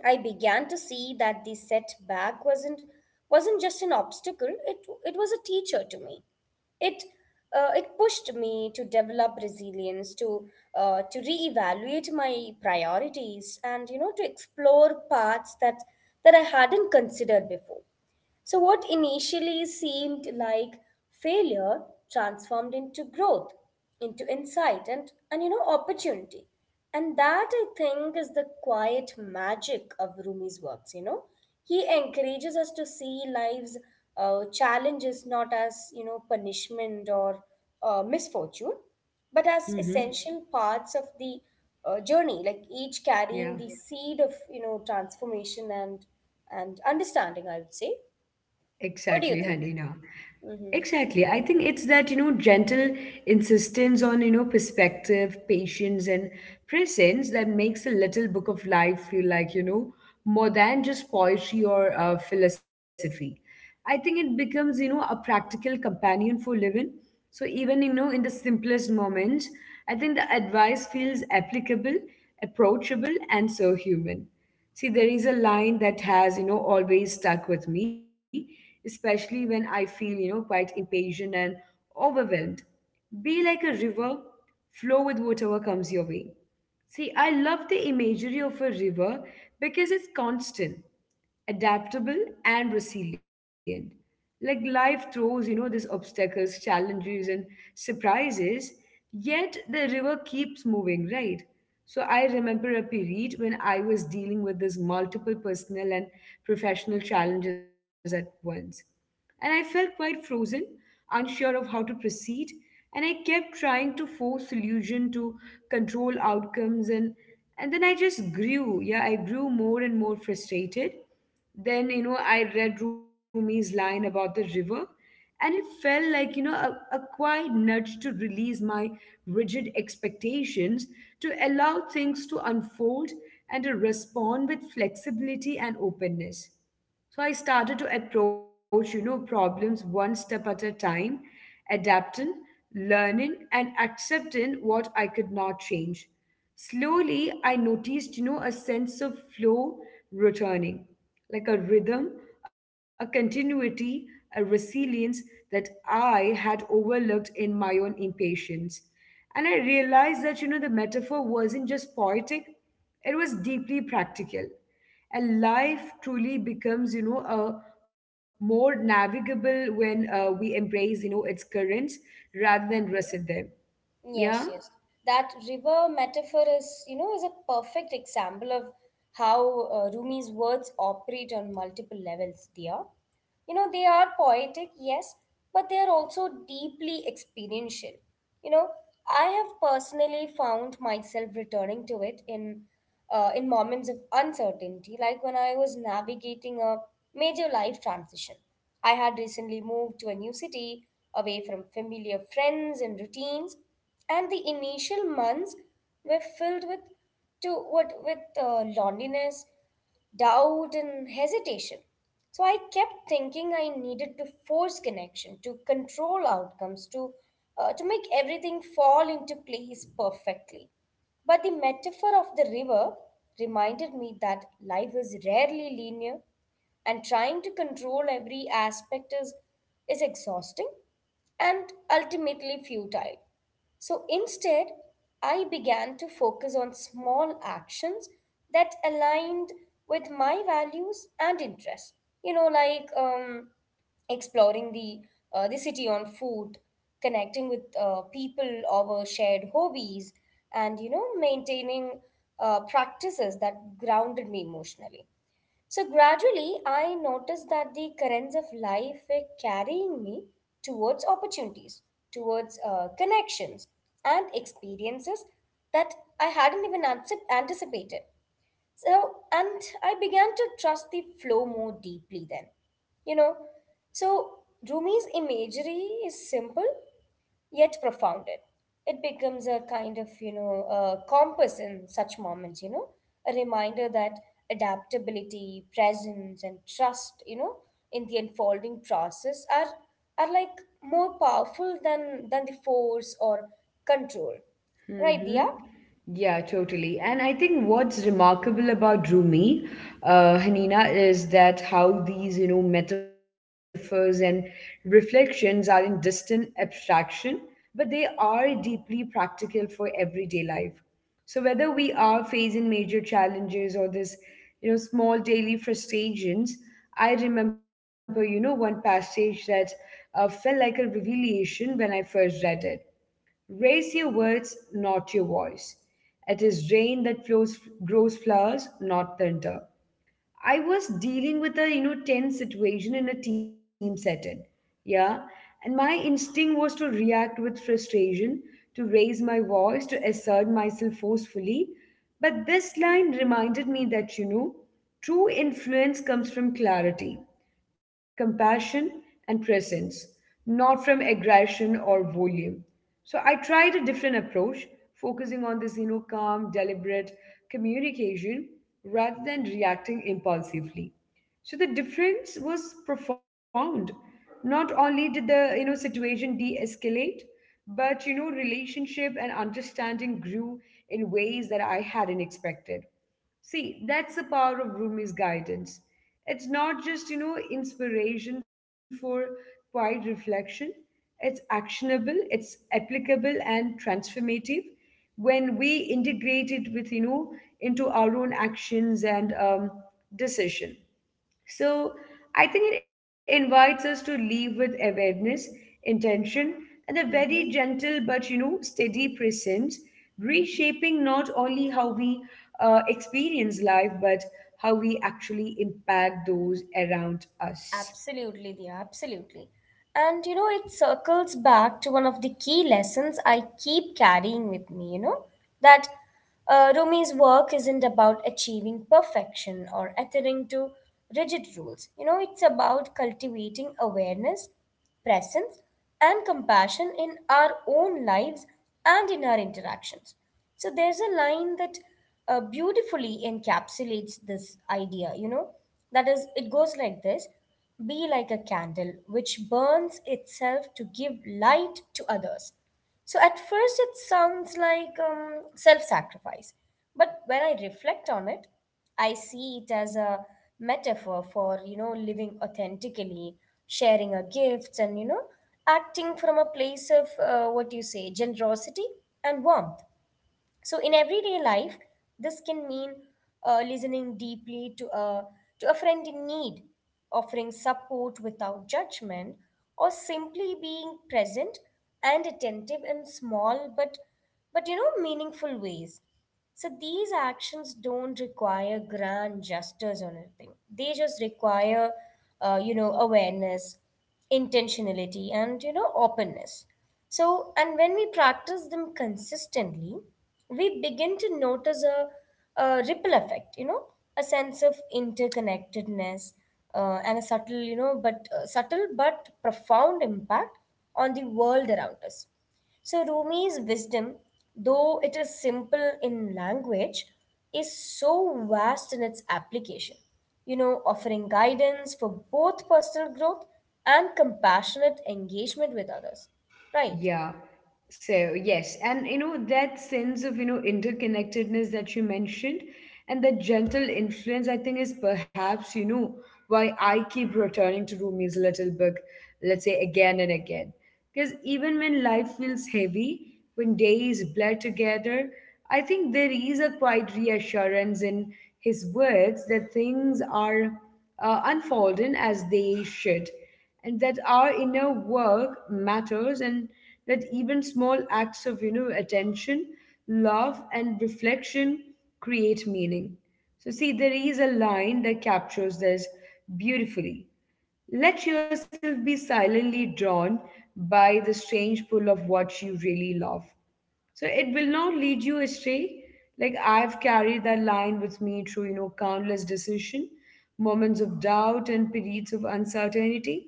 B: I began to see that the setback wasn't just an obstacle. It was a teacher to me. It it pushed me to develop resilience, to reevaluate my priorities, and you know to explore paths that I hadn't considered before. So what initially seemed like failure transformed into growth, into insight, and you know, opportunity. And that I think is the quiet magic of Rumi's works, you know. He encourages us to see life's challenges not as, you know, punishment or misfortune, but as
A: Mm-hmm.
B: essential parts of the journey, like each carrying
A: Yeah.
B: the seed of, you know, transformation and understanding, I would say.
A: Exactly,
B: What do you
A: Hanina.
B: think?
A: Exactly.
B: Mm-hmm.
A: I think it's that, you know, gentle insistence on, you know, perspective, patience, and presence that makes the little book of life feel like, you know, more than just poetry or philosophy. I think it becomes, you know, a practical companion for living. So even, you know, in the simplest moments, I think the advice feels applicable, approachable, and so human. See, there is a line that has, you know, always stuck with me, especially when I feel, you know, quite impatient and overwhelmed. Be like a river, flow with whatever comes your way. See, I love the imagery of a river because it's constant, adaptable, and resilient. Like life throws, you know, these obstacles, challenges, and surprises, yet the river keeps moving, right? So I remember a period when I was dealing with this multiple personal and professional challenges at once and I felt quite frozen, unsure of how to proceed, and I kept trying to force solution to control outcomes, and then I just grew. Yeah, I grew more and more frustrated. Then, you know, I read Rumi's line about the river, and it felt like, you know, a quiet nudge to release my rigid expectations, to allow things to unfold and to respond with flexibility and openness. So I started to approach, you know, problems one step at a time, adapting, learning, and accepting what I could not change. Slowly, I noticed, you know, a sense of flow returning, like a rhythm, a continuity, a resilience that I had overlooked in my own impatience. And I realized that, you know, the metaphor wasn't just poetic, it was deeply practical. And life truly becomes, you know, a more navigable when we embrace, you know, its currents rather than resist them. Yeah.
B: Yes, yes. That river metaphor is, you know, is a perfect example of how Rumi's words operate on multiple levels, Dia. You know, they are poetic, yes, but they are also deeply experiential. You know, I have personally found myself returning to it in moments of uncertainty, like when I was navigating a major life transition. I had recently moved to a new city, away from familiar friends and routines, and the initial months were filled with to what with loneliness, doubt, and hesitation. So I kept thinking I needed to force connection, to control outcomes, to make everything fall into place perfectly. But the metaphor of the river reminded me that life is rarely linear, and trying to control every aspect is exhausting and ultimately futile. So instead, I began to focus on small actions that aligned with my values and interests. You know, like exploring the city on foot, connecting with people over shared hobbies, and you know, maintaining practices that grounded me emotionally. So gradually, I noticed that the currents of life were carrying me towards opportunities, towards connections, and experiences that I hadn't even anticip- anticipated. So, and I began to trust the flow more deeply then. You know, so Rumi's imagery is simple yet profounded. It becomes a kind of, you know, a compass in such moments, you know, a reminder that adaptability, presence, and trust, you know, in the unfolding process are like more powerful than the force or control. Right, Dia?
A: Mm-hmm. Yeah, totally. And I think what's remarkable about Rumi, Hanina, is that how these, you know, metaphors and reflections are in distant abstraction, but they are deeply practical for everyday life. So whether we are facing major challenges or this, you know, small daily frustrations, I remember, you know, one passage that felt like a revelation when I first read it: raise your words, not your voice. It is rain that flows, grows flowers, not thunder. I was dealing with a, you know, tense situation in a team setting, yeah, and my instinct was to react with frustration, to raise my voice, to assert myself forcefully. But this line reminded me that, you know, true influence comes from clarity, compassion, and presence, not from aggression or volume. So I tried a different approach, focusing on this, you know, calm, deliberate communication rather than reacting impulsively. So the difference was profound. Not only did the, you know, situation de-escalate, but, you know, relationship and understanding grew in ways that I hadn't expected. See, that's the power of Rumi's guidance. It's not just, you know, inspiration for quiet reflection. It's actionable, it's applicable and transformative when we integrate it with, you know, into our own actions and decision. So I think it invites us to leave with awareness, intention, and a very
B: Hmm.
A: gentle but, you know, steady presence, reshaping not only how we experience life but how we actually impact those around us.
B: Absolutely, dear, absolutely. And you know, it circles back to one of the key lessons I keep carrying with me, you know, that Rumi's work isn't about achieving perfection or adhering to rigid rules. You know, it's about cultivating awareness, presence, and compassion in our own lives and in our interactions. So there's a line that beautifully encapsulates this idea, you know, that is, it goes like this: be like a candle which burns itself to give light to others. So at first, it sounds like self sacrifice. But when I reflect on it, I see it as a metaphor for, you know, living authentically, sharing our gifts, and, you know, acting from a place of what do you say, generosity and warmth. So in everyday life, this can mean listening deeply to a friend in need, offering support without judgment, or simply being present and attentive in small but you know meaningful ways. So these actions don't require grand gestures or anything. They just require, you know, awareness, intentionality, and you know, openness. So, and when we practice them consistently, we begin to notice a ripple effect, you know, a sense of interconnectedness and a subtle, you know, but subtle but profound impact on the world around us. So Rumi's wisdom, though it is simple in language, is so vast in its application, you know, offering guidance for both personal growth and compassionate engagement with others. Right?
A: Yeah. So, yes. And, you know, that sense of, you know, interconnectedness that you mentioned and that gentle influence, I think, is perhaps, you know, why I keep returning to Rumi's little book, let's say again and again. Because even when life feels heavy, when days blur together, I think there is a quiet reassurance in his words that things are unfolding as they should and that our inner work matters and that even small acts of, you know, attention, love, and reflection create meaning. So, see, there is a line that captures this beautifully: let yourself be silently drawn by the strange pull of what you really love, so it will not lead you astray. Like I've carried that line with me through, you know, countless decision, moments of doubt and periods of uncertainty.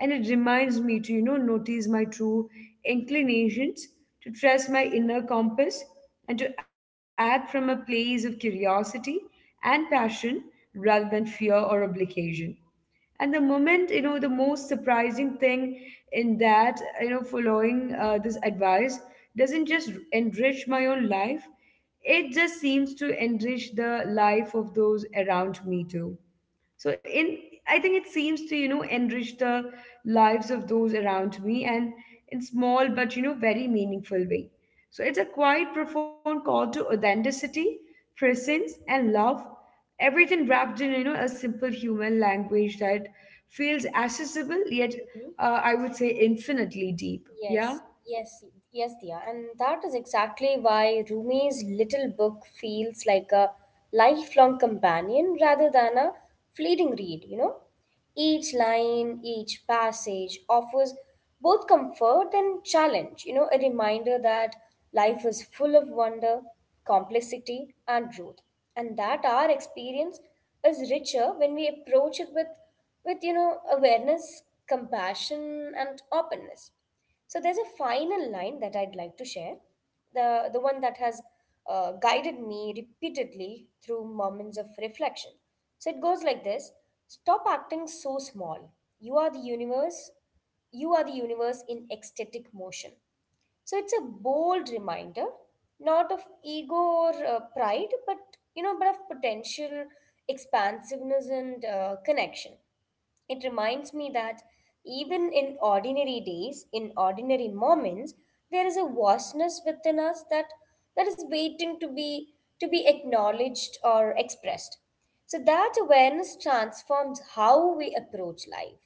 A: And it reminds me to, you know, notice my true inclinations, to trust my inner compass, and to act from a place of curiosity and passion rather than fear or obligation. And the moment, you know, the most surprising thing in that, you know, following this advice doesn't just enrich my own life, it just seems to enrich the life of those around me too. So, in, I think it seems to, you know, enrich the lives of those around me and in small but, you know, very meaningful way. So it's a quite profound call to authenticity, presence, and love, everything wrapped in, you know, a simple human language that feels accessible yet, I would say, infinitely deep.
B: Yes,
A: Yeah.
B: yes, yes, Dia. And that is exactly why Rumi's little book feels like a lifelong companion rather than a fleeting read, you know? Each line, each passage offers both comfort and challenge, you know, a reminder that life is full of wonder, complexity, and growth, and that our experience is richer when we approach it with, you know, awareness, compassion, and openness. So there's a final line that I'd like to share, the one that has guided me repeatedly through moments of reflection. So it goes like this: stop acting so small. You are the universe. You are the universe in ecstatic motion. So it's a bold reminder, not of ego or pride, but you know, but of potential, expansiveness, and connection. It reminds me that even in ordinary days, in ordinary moments, there is a vastness within us that is waiting to be acknowledged or expressed. So that awareness transforms how we approach life.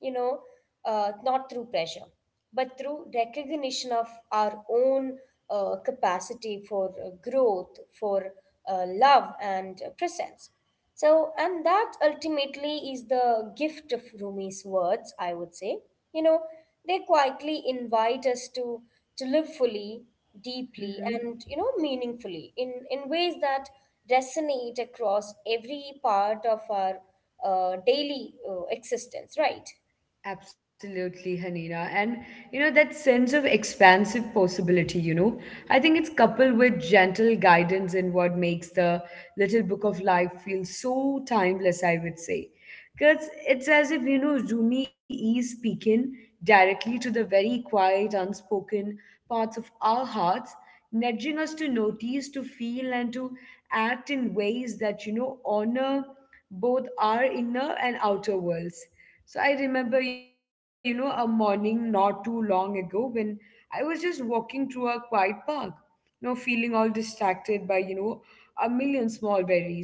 B: You know, not through pressure, but through recognition of our own capacity for growth, for love, and presence. So, and that ultimately is the gift of Rumi's words, I would say. You know, they quietly invite us to live fully, deeply, and you know, meaningfully in ways that resonate across every part of our daily existence. Right?
A: Absolutely, Hanina. And, you know, that sense of expansive possibility, you know, I think it's coupled with gentle guidance in what makes the little book of life feel so timeless, I would say. Because it's as if, you know, Rumi is speaking directly to the very quiet, unspoken parts of our hearts, nudging us to notice, to feel, and to act in ways that, you know, honor both our inner and outer worlds. So I remember, you know, a morning not too long ago when I was just walking through a quiet park, you know, feeling all distracted by, you know, a million small worries.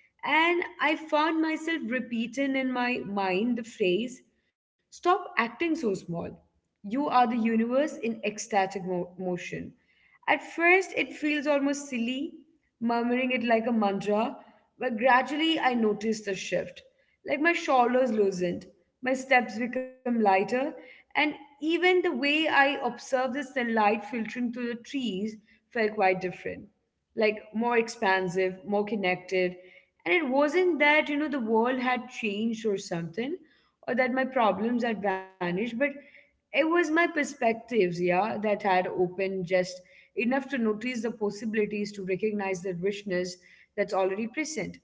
A: And I found myself repeating in my mind the phrase, stop acting so small. You are the universe in ecstatic motion. At first, it feels almost silly, murmuring it like a mantra, but gradually I notice the shift. Like my shoulders loosened, my steps become lighter, and even the way I observe the sunlight filtering through the trees felt quite different, like more expansive, more connected. And it wasn't that, you know, the world had changed or something, or that my problems had vanished, but it was my perspectives, yeah, that had opened just enough to notice the possibilities, to recognize the richness that's already present.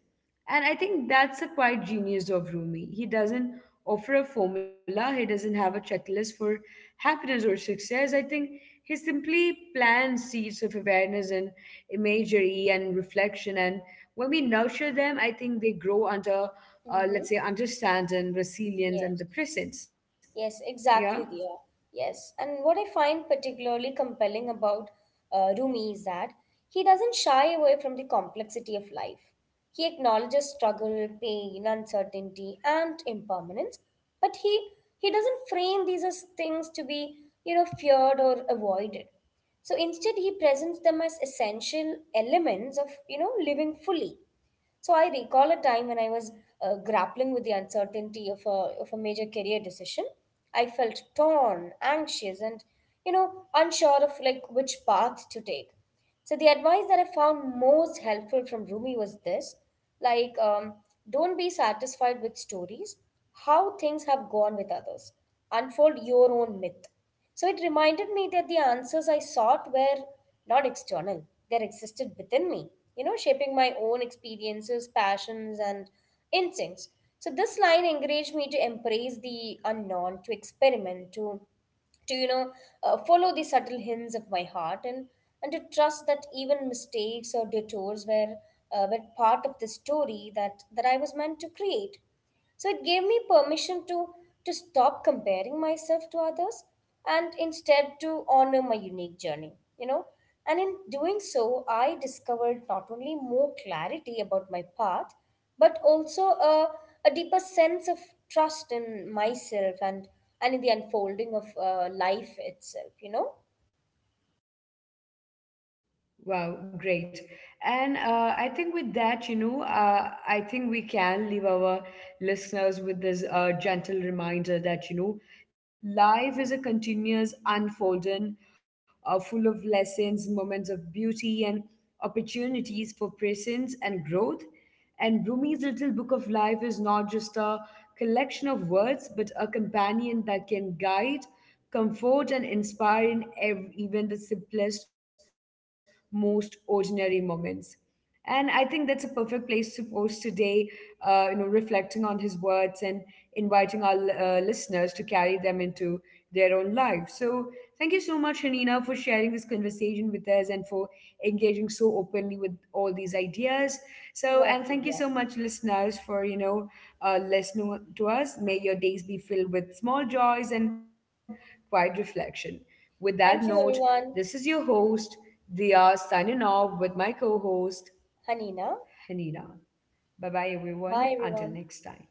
A: And I think that's a quite genius of Rumi. He doesn't offer a formula, he doesn't have a checklist for happiness or success. I think he simply plants seeds of awareness and imagery and reflection. And when we nurture them, I think they grow under, let's
B: Mm-hmm.
A: say, understand and resilience and the
B: Yes.
A: presence.
B: Yes,
A: Yeah.
B: exactly, Diya. Yes. And what I find particularly compelling about Rumi is that he doesn't shy away from the complexity of life. He acknowledges struggle, pain, uncertainty, and impermanence, but he doesn't frame these as things to be, you know, feared or avoided. So instead, he presents them as essential elements of, you know, living fully. So I recall a time when I was grappling with the uncertainty of a major career decision. I felt torn, anxious, and you know unsure of like which path to take. So the advice that I found most helpful from Rumi was this: like, don't be satisfied with stories, how things have gone with others. Unfold your own myth. So it reminded me that the answers I sought were not external, they existed within me, you know, shaping my own experiences, passions, and instincts. So this line encouraged me to embrace the unknown, to experiment, to to you know follow the subtle hints of my heart and to trust that even mistakes or detours were part of the story that I was meant to create. So it gave me permission to stop comparing myself to others and instead to honor my unique journey, you know. And in doing so, I discovered not only more clarity about my path, but also a deeper sense of trust in myself and in the unfolding of life itself, you know.
A: Wow, great. And I think with that, you know, I think we can leave our listeners with this gentle reminder that, you know, life is a continuous unfolding, full of lessons, moments of beauty, and opportunities for presence and growth. And Rumi's little book of life is not just a collection of words, but a companion that can guide, comfort, and inspire in even the simplest, most ordinary moments. And I think that's a perfect place to pause today, you know, reflecting on his words and inviting our listeners to carry them into their own life. So, thank you so much, Hanina, for sharing this conversation with us and for engaging so openly with all these ideas. So,
B: Well,
A: and thank you
B: yeah.
A: so much, listeners, for, you know, listening to us. May your days be filled with small joys and quiet reflection. With that note,
B: Thank you,
A: this is
B: everyone.
A: your host, Dia, signing off with my co-host,
B: Hanina.
A: Hanina. Bye bye,
B: Bye,
A: everyone. Until
B: everyone.
A: next time.